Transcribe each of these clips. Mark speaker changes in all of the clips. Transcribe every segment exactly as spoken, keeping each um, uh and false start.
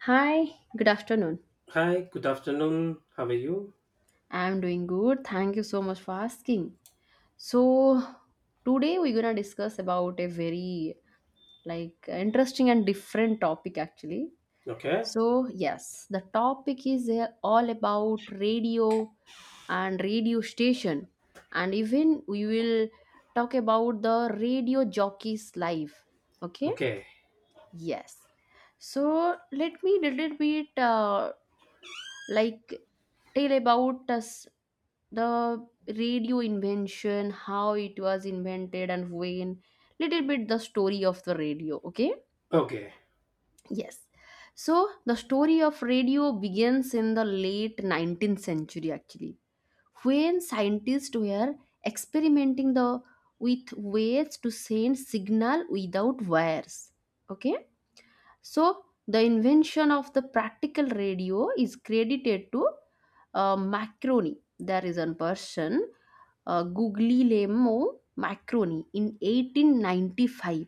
Speaker 1: Hi, good afternoon.
Speaker 2: Hi, good afternoon. How are you?
Speaker 1: I'm doing good. Thank you so much for asking. So, Today we're going to discuss about a very like interesting and different topic actually.
Speaker 2: Okay.
Speaker 1: So yes, the topic is uh, all about radio and radio station, and even we will talk about the radio jockey's life. Okay?
Speaker 2: Okay.
Speaker 1: Yes. So let me little bit uh, like tell about us the radio invention, how it was invented and when, little bit the story of the radio. Okay?
Speaker 2: Okay.
Speaker 1: Yes. So the story of radio begins in the late nineteenth century actually, when scientists were experimenting the with ways to send signal without wires. Okay. So the invention of the practical radio is credited to uh, Macroni. There is a person, uh, Guglielmo Macroni, in eighteen ninety-five,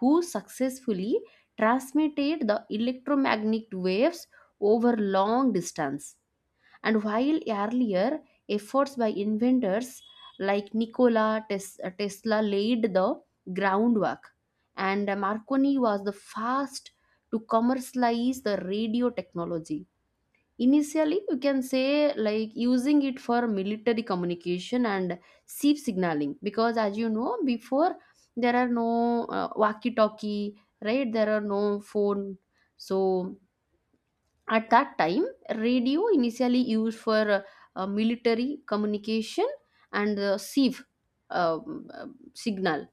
Speaker 1: who successfully transmitted the electromagnetic waves over long distance. And while earlier efforts by inventors like Nikola Tes- uh, Tesla laid the groundwork, and uh, Marconi was the first to commercialize the radio technology. Initially, you can say like using it for military communication and S I P signaling because, as you know, before there are no uh, walkie talkie, right? There are no phone. So at that time, radio initially used for uh, uh, military communication and the S I V um, uh, signal.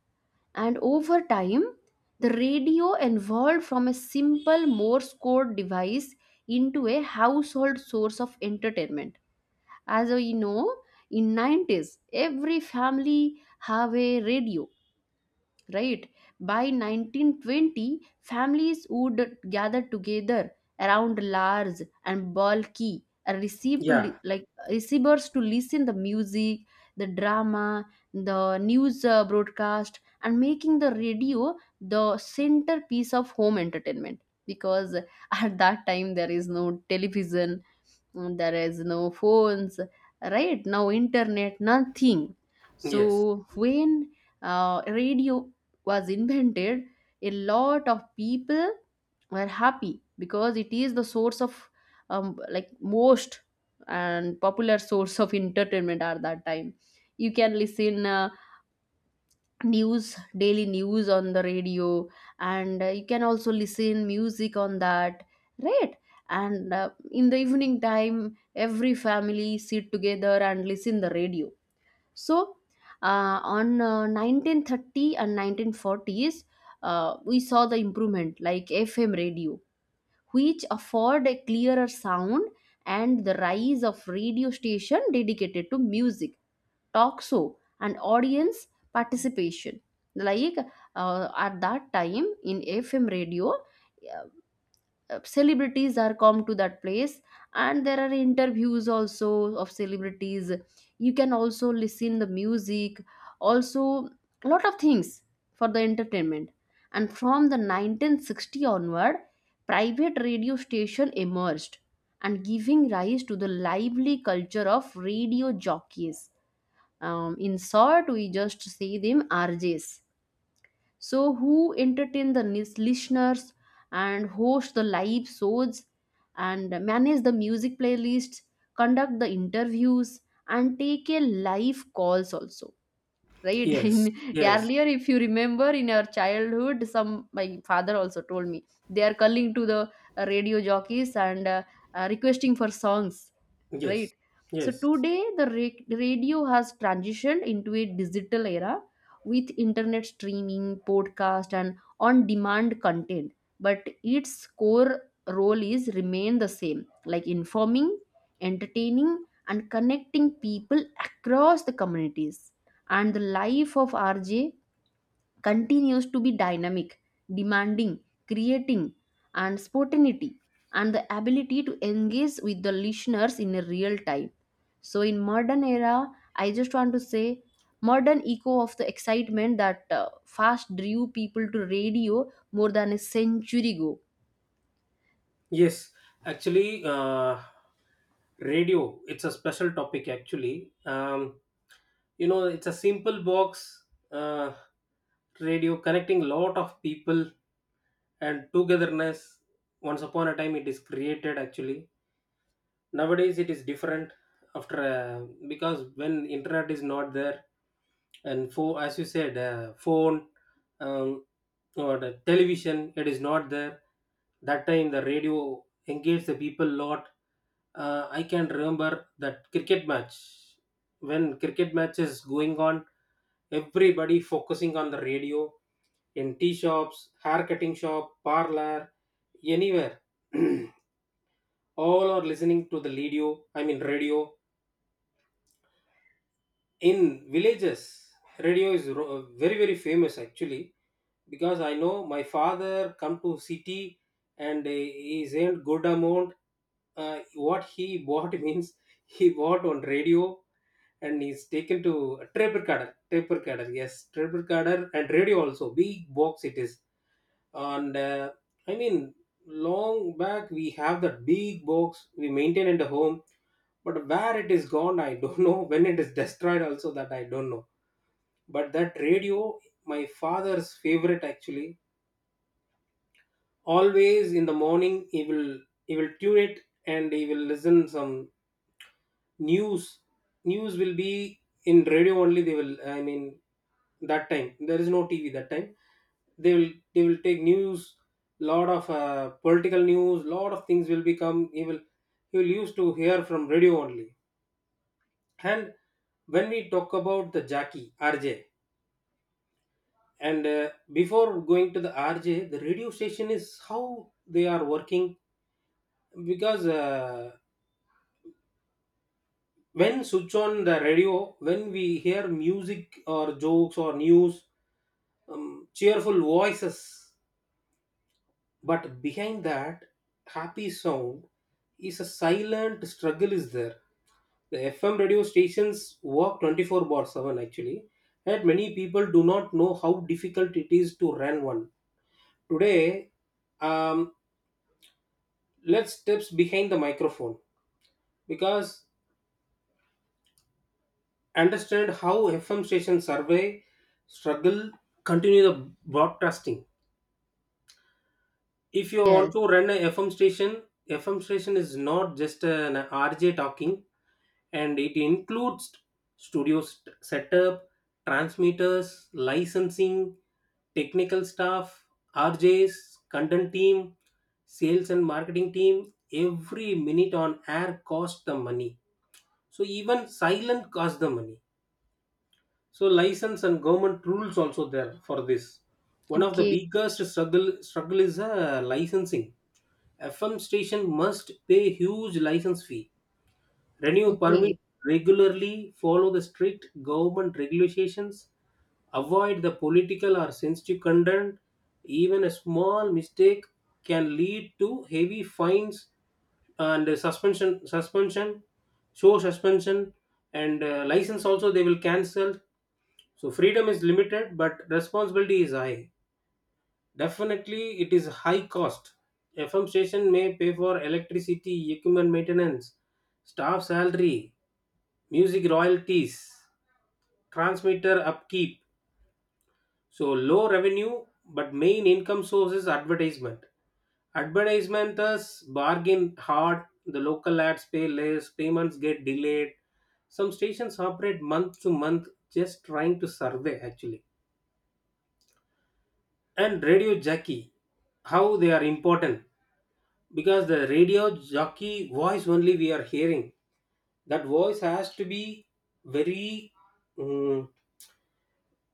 Speaker 1: And over time, the radio evolved from a simple Morse code device into a household source of entertainment. As we know, in nineties, every family have a radio, right? By nineteen twenty, families would gather together around large and bulky and receive to
Speaker 2: Yeah.
Speaker 1: li- like receivers to listen the music, the drama, the news uh, broadcast, and making the radio the centerpiece of home entertainment because at that time there is no television. Mm, there is no phones right now, internet, nothing.
Speaker 2: Yes.
Speaker 1: So when uh, radio was invented, a lot of people were happy because it is the source of um, like most and popular source of entertainment at that time. You can listen uh, news, daily news on the radio, and uh, you can also listen music on that, right? And uh, in the evening time, every family sit together and listen the radio. So uh, on uh, nineteen thirty and nineteen forties, uh, we saw the improvement like fm radio, which afford a clearer sound, and the rise of radio station dedicated to music, talk show, and audience participation. like uh, at that time in fm radio, uh, uh, celebrities are come to that place, and there are interviews also of celebrities. You can also listen the music also, a lot of things for the entertainment. And from the nineteen sixty onward, private radio station emerged and giving rise to the lively culture of radio jockeys. Um, in short, we just see them R Js. So who entertain the lis- listeners and host the live shows and manage the music playlists, conduct the interviews, and take a live calls also, right? in
Speaker 2: Yes. Yes.
Speaker 1: earlier if you remember, in our childhood some, my father also told me, they are calling to the uh, radio jockeys and uh, uh, requesting for songs,
Speaker 2: Yes.
Speaker 1: right? So
Speaker 2: Yes.
Speaker 1: today the ra- radio has transitioned into a digital era with internet streaming, podcast, and on demand content, but its core role is remain the same, like informing, entertaining, and connecting people across the communities. And the life of R J continues to be dynamic, demanding, creating, and spontaneity, and the ability to engage with the listeners in a real time. So in modern era, I just want to say modern echo of the excitement that uh, fast drew people to radio more than a century ago.
Speaker 2: Yes. Actually, uh, radio, it's a special topic actually. Um, you know, it's a simple box uh, radio connecting lot of people and togetherness. Once upon a time, it is created actually. Nowadays it is different after uh, because when internet is not there and for as you said uh, phone, um, or the television it is not there, that time the radio engaged the people lot. uh, I can remember that cricket match. When cricket match is going on, everybody focusing on the radio, in tea shops, hair cutting shop, parlor, anywhere. All are listening to the radio. I mean radio, in villages radio is ro- very very famous actually, because I know my father come to city and uh, he's earned good amount. Uh, what he bought means, he bought on radio, and he's taken to a tape recorder, tape recorder yes, tape recorder and radio also, big box it is. And uh, i mean long back we have that big box, we maintain in the home, but where it is gone I don't know, when it is destroyed also that I don't know. But that radio, my father's favorite actually. Always in the morning he will, he will tune it, and he will listen some news. News will be in radio only, they will, I mean, that time there is no TV. That time they will, they will take news, lot of uh, political news, lot of things will become. He will, he will used to hear from radio only. And when we talk about the Jackie R J, and uh, before going to the R J, the radio station is how they are working, because uh, when switch on the radio, when we hear music or jokes or news, um, cheerful voices, but behind that happy sound is a silent struggle is there. The FM radio stations work twenty four bar seven actually, and many people do not know how difficult it is to run one today. um, let's steps behind the microphone because understand how F M stations survey, struggle, continue the broadcasting. If you want
Speaker 1: Yes.
Speaker 2: to run a F M station, F M station is not just an R J talking, and it includes studio st- setup, transmitters, licensing, technical staff, R Js, content team, sales and marketing team. Every minute on air costs the money. So even silent costs the money. So license and government rules also there for this. One of the
Speaker 1: Okay.
Speaker 2: biggest struggle struggle is uh, licensing. FM station must pay huge license fee, renew permit
Speaker 1: Okay.
Speaker 2: regularly, follow the strict government regulations, avoid the political or sensitive content. Even a small mistake can lead to heavy fines and suspension suspension show suspension, and uh, license also they will cancel. So freedom is limited, but responsibility is high. Definitely, it is high cost. F M station may pay for electricity, equipment maintenance, staff salary, music royalties, transmitter upkeep. So low revenue, but main income source is advertisement. Advertisements bargain hard. The local ads pay less. Payments get delayed. Some stations operate month to month, just trying to survey actually. And radio jockey, how they are important, because the radio jockey voice only we are hearing. That voice has to be very, mm,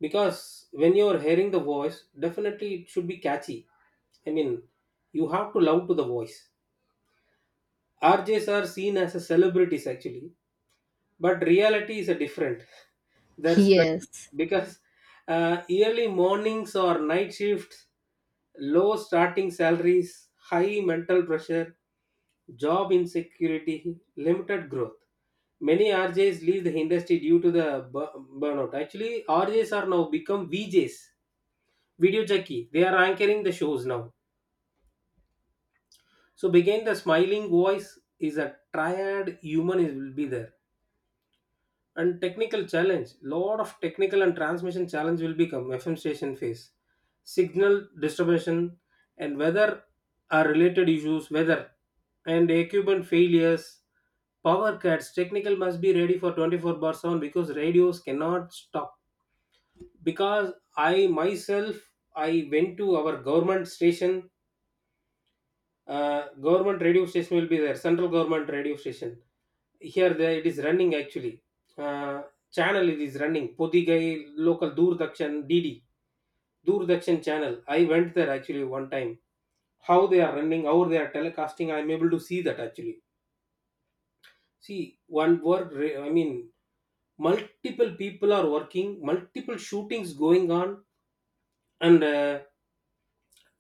Speaker 2: because when you are hearing the voice, definitely it should be catchy. I mean, you have to love to the voice. RJs are seen as a celebrities actually, but reality is a different. Their struggle,
Speaker 1: Yes.
Speaker 2: because uh, early mornings or night shifts, low starting salaries, high mental pressure, job insecurity, limited growth. Many R Js leave the industry due to the bu- burnout. Actually, R Js are now become V Js, video jockey. They are anchoring the shows now. So, begin the smiling voice is a triad, human is will be there. And technical challenge, lot of technical and transmission challenge will become FM station phase, signal distribution and weather are related issues, weather and equipment failures, power cuts. Technical must be ready for twenty four bars on, because radios cannot stop. Because I myself, I went to our government station. Uh, government radio station will be there, central government radio station. Here the it is running actually. Uh, Channel it is running. Podigai local Doordarshan, D D Doordarshan channel. I went there actually one time. How they are running, how they are telecasting, I am able to see that actually. See one work. re- I mean, multiple people are working, multiple shootings going on, and uh,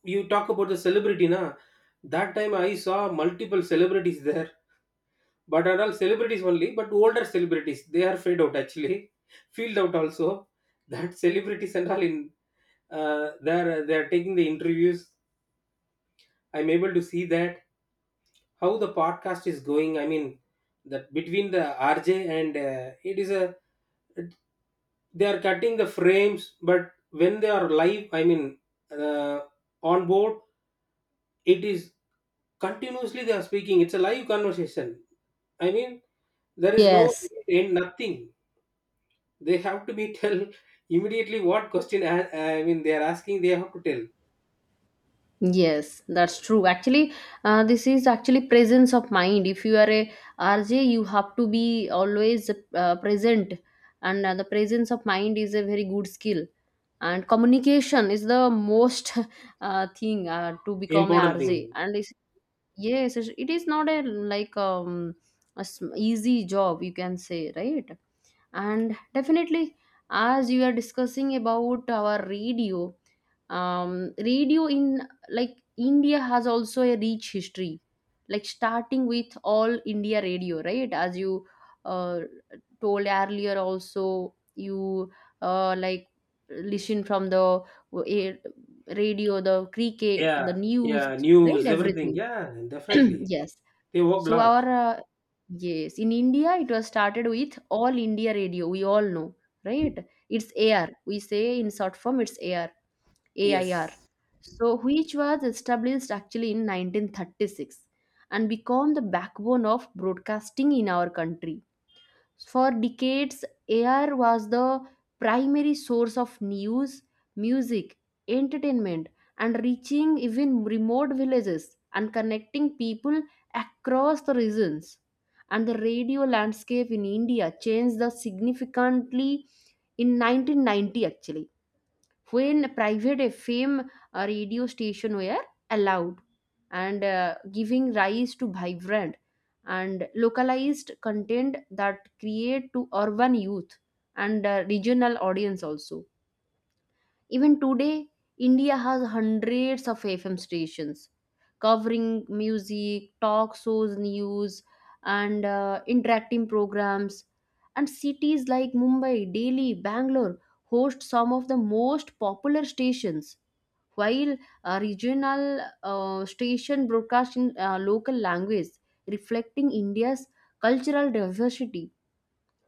Speaker 2: you talk about the celebrity na. That time I saw multiple celebrities there. But are all celebrities only, but older celebrities, they are fade out actually, field out also. That celebrities and all in, uh, they're they're taking the interviews. I'm able to see that, how the podcast is going. I mean, that between the R J and uh, it is a, they are cutting the frames, but when they are live, I mean, uh, on board, it is continuously they are speaking. It's a live conversation. I mean, there is no
Speaker 1: Yes.
Speaker 2: end, nothing. They have to be tell immediately what question, a- I mean they are asking, they have to tell.
Speaker 1: Yes, that's true. Actually, uh, this is actually presence of mind. If you are a R J, you have to be always uh, present, and uh, the presence of mind is a very good skill. And communication is the most uh, thing uh, to become a
Speaker 2: Important
Speaker 1: R
Speaker 2: thing.
Speaker 1: J, R J. And yes, it it is not a like um a sm- easy job, you can say, right? And definitely, as you are discussing about our radio, um, radio in like India has also a rich history, like starting with all India radio, right? As you uh, told earlier, also you uh, like listen from the uh, radio, the cricket, the
Speaker 2: Yeah,
Speaker 1: news,
Speaker 2: yeah,
Speaker 1: right?
Speaker 2: news, everything.
Speaker 1: Everything.
Speaker 2: Yeah, definitely.
Speaker 1: Yes.
Speaker 2: They work
Speaker 1: So
Speaker 2: lot.
Speaker 1: our uh, yes, in India it was started with All India Radio. We all know, right? It's A R. We say in short form it's A R A I R.
Speaker 2: Yes.
Speaker 1: So which was established actually in nineteen thirty-six and become the backbone of broadcasting in our country. For decades, air was the primary source of news, music, entertainment, and reaching even remote villages and connecting people across the regions. And the radio landscape in India changed the significantly in nineteen ninety actually, when private F M uh, radio station were allowed, and uh, giving rise to vibrant and localized content that create to urban youth and uh, regional audience also. Even today, India has hundreds of F M stations covering music, talk shows, news, and uh, interacting programs. And cities like Mumbai, Delhi, Bangalore host some of the most popular stations, while a regional uh, station broadcast in uh, local language, reflecting India's cultural diversity.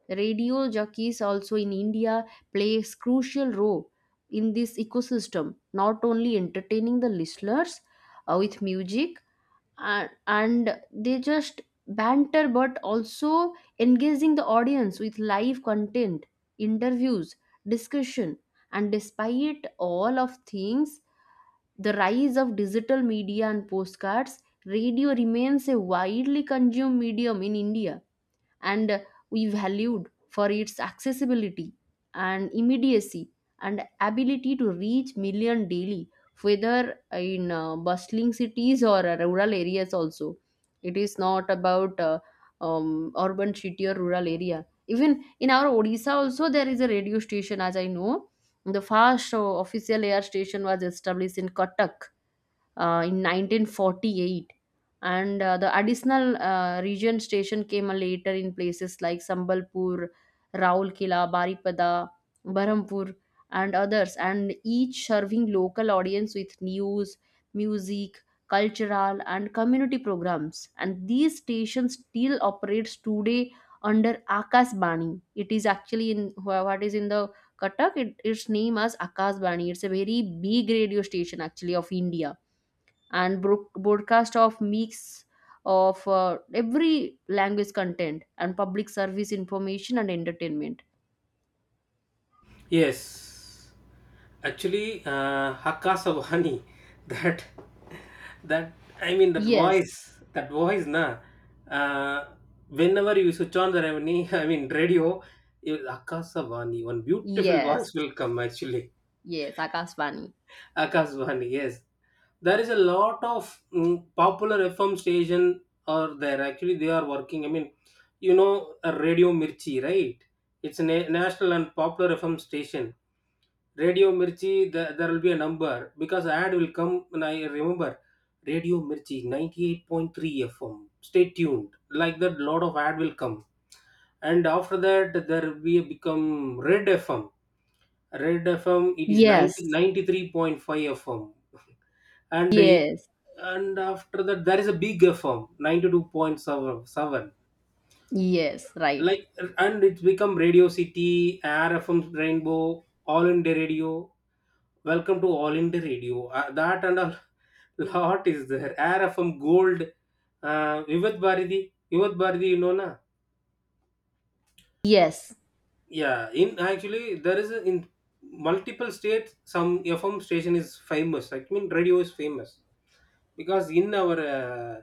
Speaker 1: Radio jockeys also in India plays crucial role in this ecosystem, not only entertaining the listeners uh, with music and, and they just banter, but also engaging the audience with live content, interviews, discussion. And despite all of things, the rise of digital media and postcards, radio remains a widely consumed medium in India, and we valued for its accessibility and immediacy and ability to reach million daily, whether in uh, bustling cities or uh, rural areas also. It is not about uh, um, urban city or rural area. Even in our odisha also there is a radio station, as I know the first uh, official air station was established in Cuttack uh, in nineteen forty-eight, and uh, the additional uh, region station came later in places like Sambalpur, Raulkela, Baripada, Berhampur and others, and each serving local audience with news, music, cultural and community programs. And these stations still operates today under Akashbani. It is actually in wha- what is in the Katak, it, its name as Akashbani. It's a very big radio station actually of India, and brook broadcast of mix of uh, every language content and public service information and entertainment.
Speaker 2: Yes, actually, uh, Hakka Sabhani, that, that, I mean, that
Speaker 1: Yes,
Speaker 2: voice, that voice, na, uh, whenever you switch on the revenue, I mean, radio, you- Hakka Sabhani, one beautiful
Speaker 1: yes,
Speaker 2: voice will come, actually.
Speaker 1: yes, Akashvani.
Speaker 2: Akashvani, yes. There is a lot of mm, popular F M station are there. Actually, they are working. I mean, you know, uh, Radio Mirchi, right? It's a na- national and popular F M station. Radio Mirchi, the, there will be a number because ad will come. And I remember Radio Mirchi ninety eight point three F M. Stay tuned. Like that, lot of ad will come. And after that, there will be become Red F M. Red F M, it is
Speaker 1: Yes,
Speaker 2: ninety three point five F M. And I-
Speaker 1: yes,
Speaker 2: and after that, there is a big F M, ninety two point seven.
Speaker 1: yes, right.
Speaker 2: Like, and it's become Radio City, Air F M Rainbow, All India Radio. Welcome to All India Radio. Uh, that and a lot is there. Air F M Gold, uh, Vivat Bharati. Vivat Bharati, you know na?
Speaker 1: Yes,
Speaker 2: Yeah, in actually there is a, in multiple states some F M station is famous. I mean radio is famous. Because in our uh,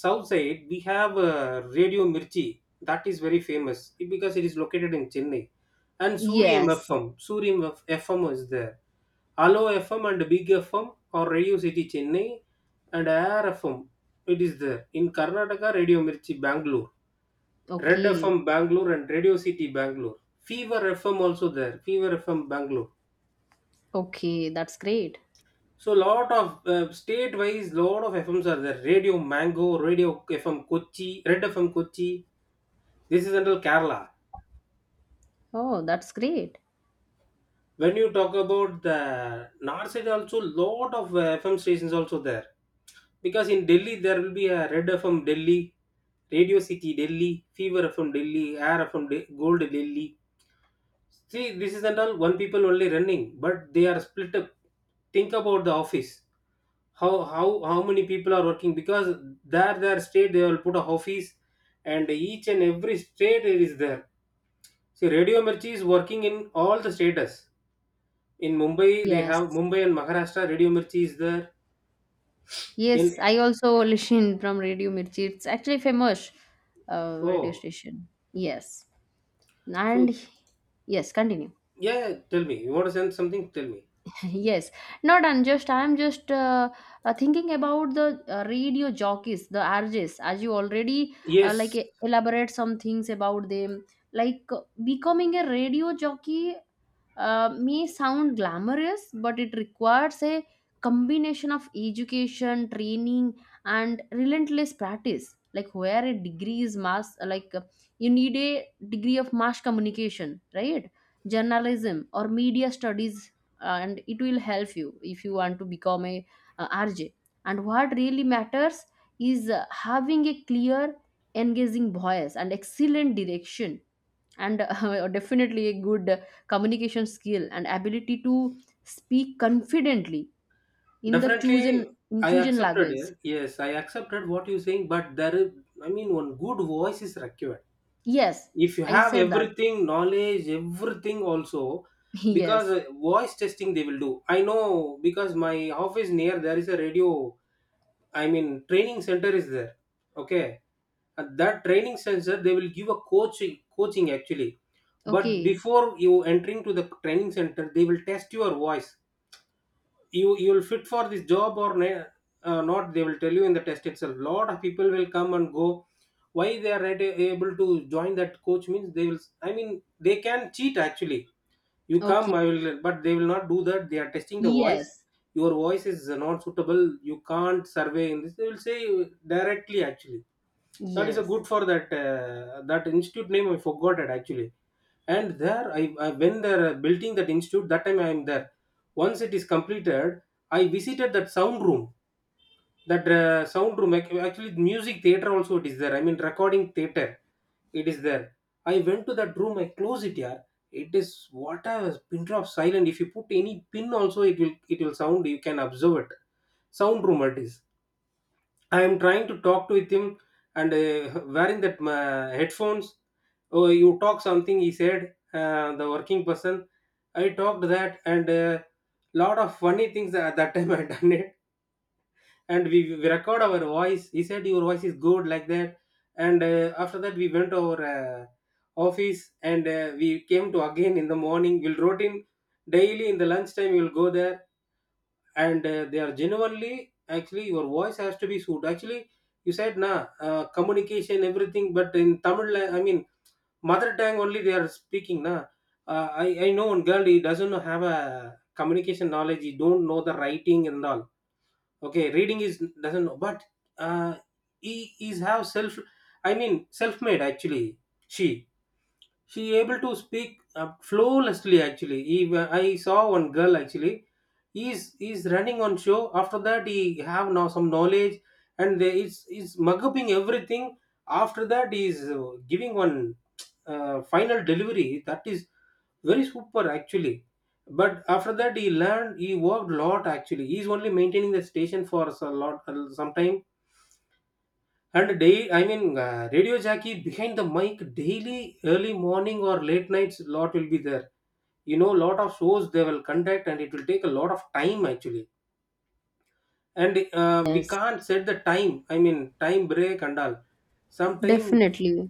Speaker 2: south side we have uh, Radio Mirchi, that is very famous because it is located in Chennai. And surium
Speaker 1: yes.
Speaker 2: fm surium F- fm is there. Allo FM and Big FM or Radio City Chennai, and Air FM, it is there in Karnataka. Radio Mirchi Bangalore, Red
Speaker 1: Okay,
Speaker 2: FM Bangalore, and Radio City Bangalore, Fever FM also there, Fever FM Bangalore.
Speaker 1: okay, that's great.
Speaker 2: So lot of uh, state-wise, lot of F Ms are there. Radio Mango, Radio F M Kochi, Red F M Kochi. This is until Kerala.
Speaker 1: Oh, that's great.
Speaker 2: When you talk about the north side, also lot of uh, F M stations also there. Because in Delhi there will be a Red F M Delhi, Radio City Delhi, Fever F M Delhi, Air F M De- Gold Delhi. See, this is not all one people only running, but they are split up. Think about the office, how how how many people are working, because there their state they will put a office, and each and every state it is there. See Radio Mirchi is working in all the states. In Mumbai they have
Speaker 1: Yes,
Speaker 2: Mumbai and Maharashtra, Radio Mirchi is there in,
Speaker 1: yes, I also listen from Radio Mirchi. It's actually famous uh, radio
Speaker 2: oh,
Speaker 1: station. Yes,
Speaker 2: so,
Speaker 1: and yes, continue.
Speaker 2: yeah, tell me, you want to send something, tell me.
Speaker 1: Yes, not unjust, I'm just uh, uh, thinking about the uh, radio jockeys, the rjs. As you already uh, like
Speaker 2: Yes,
Speaker 1: e- elaborate some things about them, like uh, becoming a radio jockey uh, may sound glamorous, but it requires a combination of education, training, and relentless practice. Like where a degree is mass, like uh, you need a degree of mass communication, right? Journalism or media studies, and it will help you if you want to become a uh, R J. And what really matters is uh, having a clear, engaging voice and excellent direction, and uh, definitely a good uh, communication skill and ability to speak confidently in the
Speaker 2: definitely,
Speaker 1: chosen in
Speaker 2: I
Speaker 1: chosen
Speaker 2: accepted
Speaker 1: language.
Speaker 2: it. Yes, I accepted what you're saying, but there is, I mean, one good voice is required,
Speaker 1: Yes,
Speaker 2: if you
Speaker 1: I
Speaker 2: have
Speaker 1: said that.
Speaker 2: everything, knowledge everything also. Because
Speaker 1: Yes.
Speaker 2: uh, voice testing they will do. I know because my office near there is a radio, I mean training center is there. Okay, at that training center they will give a coaching, coaching actually, but
Speaker 1: Okay.
Speaker 2: before you entering to the training center, they will test your voice. You you'll fit for this job or ne- uh, not, they will tell you in the test itself. Lot of people will come and go, why they are at- able to join that coach means, they will, I mean, they can cheat actually. You
Speaker 1: Okay.
Speaker 2: come I will, but they will not do that. They are testing the voice.
Speaker 1: Yes.
Speaker 2: Your voice is not suitable, you can't survey in this, they will say directly actually. That is a
Speaker 1: Yes.
Speaker 2: good. For that uh, that institute name I forgot it actually. And there I, I when they're uh, building that institute, that time I am there. Once it is completed, I visited that sound room. That uh, sound room, ac- actually music theater also it is there, I mean recording theater it is there. I went to that room, I close it here, it is what a pin drop silent. If you put any pin also it will, it will sound, you can observe it. Sound room it is. I am trying to talk to with him and uh, wearing that uh, headphones. Oh, you talk something, he said, uh, the working person. I talked that and uh, lot of funny things at that time I done it. And we, we record our voice. He said, your voice is good, like that. And uh, after that, we went to our uh, office and uh, we came to again in the morning. We'll routine daily in the lunchtime, we'll go there and uh, they are genuinely actually your voice has to be suited actually you said na uh, communication everything but in tamil la- I mean mother tongue only they are speaking na. Uh, i i know one girl, he doesn't have a communication knowledge, he don't know the writing and all. Okay, reading is doesn't know but uh, he is have self, I mean, self made actually. she she able to speak uh, flawlessly actually. Eve- I saw one girl actually, he's he's running on show, after that he have now some knowledge and they, it's it's mug upping everything. After that he's uh, giving one uh, final delivery that is very super actually. But after that he learned, he worked lot actually, he's only maintaining the station for a lot some time. And day, I mean, uh, radio jockey behind the mic daily, early morning or late nights, lot will be there. You know, lot of shows they will conduct, and it will take a lot of time actually. And uh, we
Speaker 1: Yes.
Speaker 2: can't set the time. I mean, time break and all. Sometime
Speaker 1: Definitely.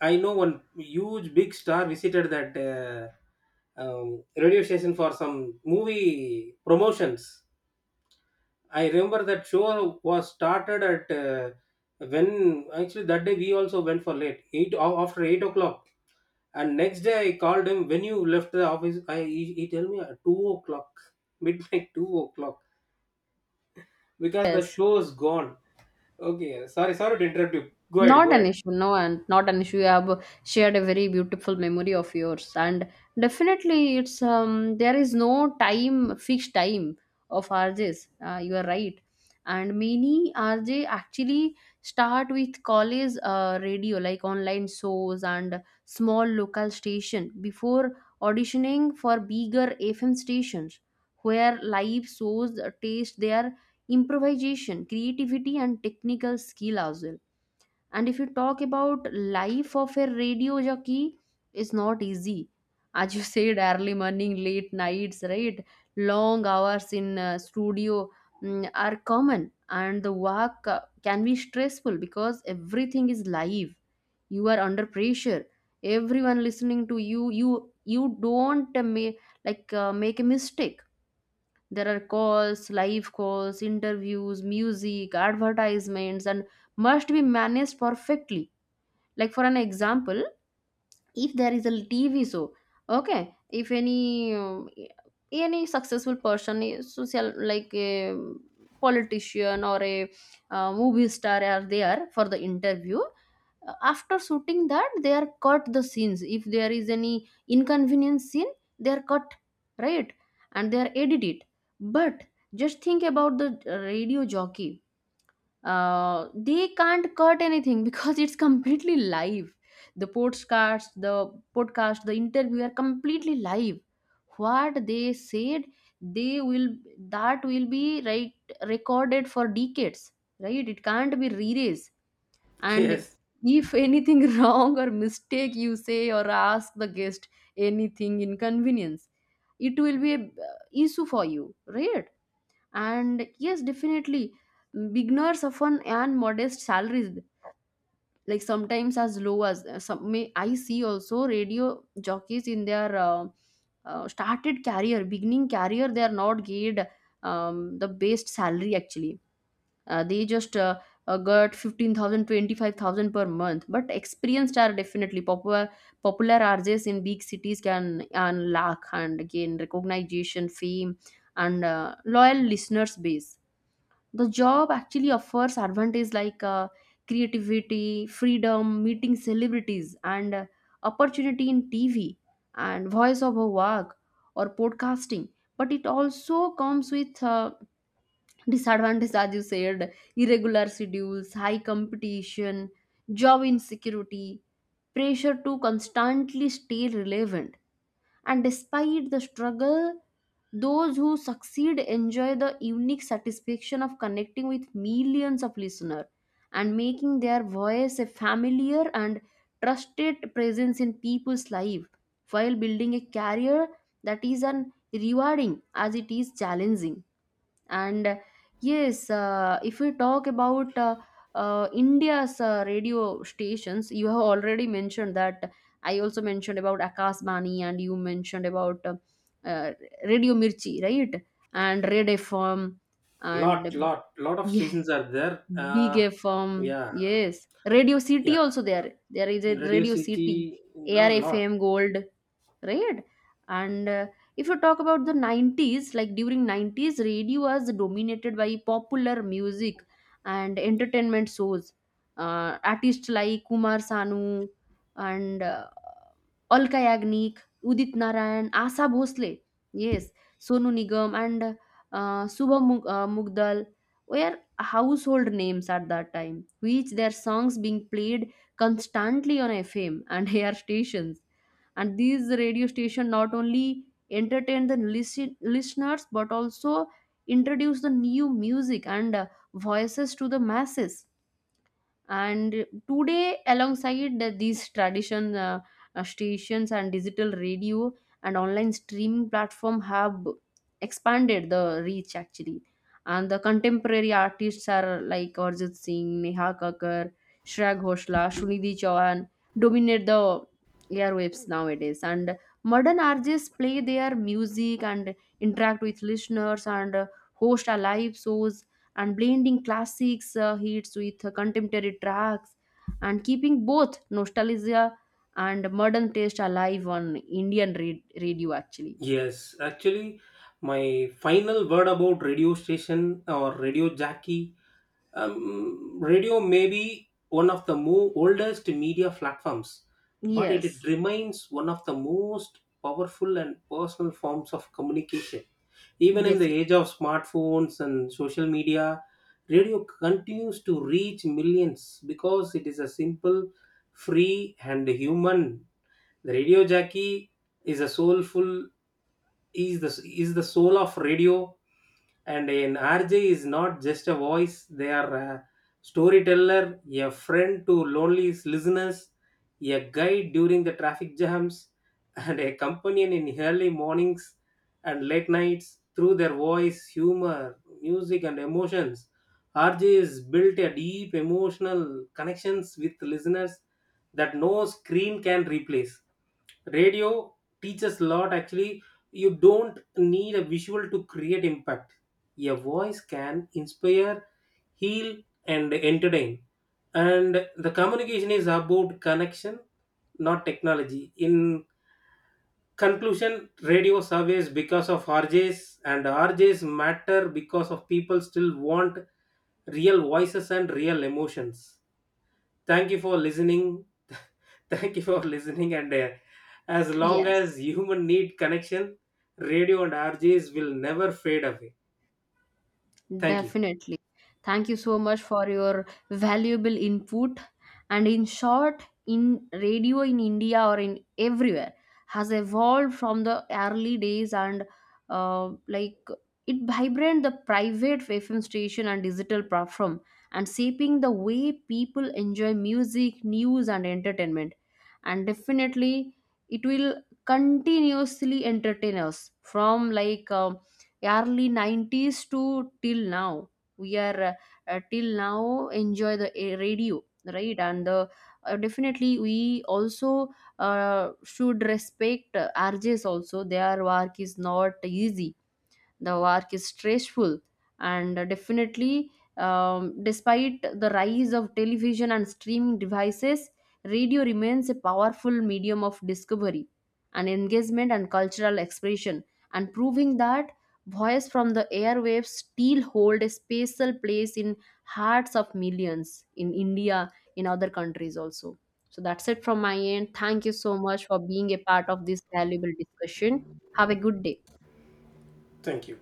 Speaker 2: I know one huge big star visited that uh, um, radio station for some movie promotions. I remember that show was started at uh, when actually that day we also went for late eight a- after eight o'clock. And next day I called him when you left the office. I he, he tell me at two o'clock midnight two o'clock because the
Speaker 1: Yes.
Speaker 2: show is gone. Okay, sorry, sorry to interrupt you. Go ahead,
Speaker 1: Not
Speaker 2: go
Speaker 1: an
Speaker 2: ahead.
Speaker 1: issue, no, and not an issue. You have shared a very beautiful memory of yours, and definitely, it's um, there is no time, fixed time of R Js. Uh, you are right, and many R J actually start with college uh, radio, like online shows and small local station before auditioning for bigger F M stations, where live shows taste their improvisation, creativity, and technical skill as well. And if you talk about life of a radio jockey, it's not easy. As you said, early morning, late nights, right? Long hours in uh, studio mm, are common, and the work uh, can be stressful because everything is live. You are under pressure. Everyone listening to you, you you don't uh, ma- like uh, make a mistake. There are calls, live calls, interviews, music, advertisements, and must be managed perfectly, like for an example, if there is a tv show. Okay, if any um, any successful person is social, like a politician or a uh, movie star are there for the interview. Uh, after shooting that, they are cut the scenes. If there is any inconvenience scene, they are cut, right, and they are edited. But just think about the uh, radio jockey, uh, they can't cut anything because it's completely live. The podcast the podcast the interview are completely live. What they said, they will, that will be right, recorded for decades, right, it can't be erased. And
Speaker 2: Yes,
Speaker 1: if anything wrong or mistake you say or ask the guest anything inconvenience, it will be a uh, issue for you, right? And yes, definitely, beginners often earn modest salaries, like sometimes as low as uh, some. May I see also radio jockeys in their uh, uh, started career, beginning career, they are not paid. Um, the best salary actually, uh, they just uh, uh, got fifteen thousand per month, but experienced are definitely popular. Popular R Js in big cities can earn lakh and gain recognition, fame, and uh, loyal listeners base. The job actually offers advantages like uh, creativity, freedom, meeting celebrities, and uh, opportunity in tv and voice over work or podcasting. But it also comes with uh, disadvantages, as you said: irregular schedules, high competition, job insecurity, pressure to constantly stay relevant. And despite the struggle, those who succeed enjoy the unique satisfaction of connecting with millions of listeners and making their voice a familiar and trusted presence in people's life, while building a career that is as rewarding as it is challenging. And yes, uh, if we talk about uh, uh, india's uh, radio stations, you have already mentioned that. I also mentioned about akasbani, and you mentioned about uh, uh, radio mirchi, right, and red fm,
Speaker 2: lot,
Speaker 1: and
Speaker 2: lot, lot of
Speaker 1: yeah,
Speaker 2: stations are there.
Speaker 1: big
Speaker 2: Uh,
Speaker 1: fm,
Speaker 2: yeah,
Speaker 1: yes, radio
Speaker 2: yeah.
Speaker 1: city also there there is a
Speaker 2: Radio
Speaker 1: radio
Speaker 2: City,
Speaker 1: city,
Speaker 2: no, lot.
Speaker 1: arfm gold, right. And uh, if you talk about the nineties, like during nineties radio was dominated by popular music and entertainment shows. Uh, artists like kumar sanu and uh, Alka Yagnik, Udit Narayan, Asha Bhosle, yes, Sonu Nigam, and uh, Subha Mug- uh, Mugdal were household names at that time, which their songs being played constantly on F M and air stations. And these radio stations not only entertain the listen- listeners but also introduce the new music and uh, voices to the masses. And today, alongside the- these tradition uh, uh, stations and digital radio and online streaming platform have expanded the reach actually. And the contemporary artists are like Arjit Singh, Neha Kakkar, Shreya Ghoshal, Sunidhi Chauhan dominate the airwaves nowadays. And modern artists play their music and interact with listeners and uh, host a live shows and blending classics uh, hits with uh, contemporary tracks and keeping both nostalgia and modern taste alive on Indian ra- radio actually.
Speaker 2: Yes, actually, my final word about radio station or radio jockey. Um, radio may be one of the mo- oldest media platforms, but it, it
Speaker 1: Yes,
Speaker 2: remains one of the most powerful and personal forms of communication. Even in the
Speaker 1: definitely.
Speaker 2: age of smartphones and social media, radio continues to reach millions because it is a simple, free, and human. The radio jockey is a soulful is the is the soul of radio, and an R J is not just a voice, they are a storyteller, a friend to lonely listeners, a guide during the traffic jams and a companion in early mornings and late nights. Through their voice, humor, music and emotions, R Js built a deep emotional connections with listeners that no screen can replace. Radio teaches a lot actually. You don't need a visual to create impact. A voice can inspire, heal, and entertain. And the communication is about connection, not technology. In conclusion, radio surveys because of R Js and R Js matter because of people still want real voices and real emotions. Thank you for listening. Thank you for listening, and uh, as long
Speaker 1: Yes.
Speaker 2: as human need connection, radio and R Gs will never fade away. Thank you.
Speaker 1: Definitely. Thank you so much for your valuable input. And in short, in radio in India or in everywhere has evolved from the early days and uh, like it vibrant the private F M station and digital platform, and shaping the way people enjoy music, news and entertainment. And definitely it will continuously entertain us from like um, early nineties to till now. We are uh, till now enjoy the uh, radio, right, and the, uh, definitely we also uh, should respect uh, rjs also. Their work is not easy, the work is stressful, and uh, definitely um, despite the rise of television and streaming devices, radio remains a powerful medium of discovery and engagement and cultural expression, and proving that voice from the airwaves still hold a special place in hearts of millions in india, in other countries also. So that's it from my end. Thank you so much for being a part of this valuable discussion. Have a good day.
Speaker 2: Thank you.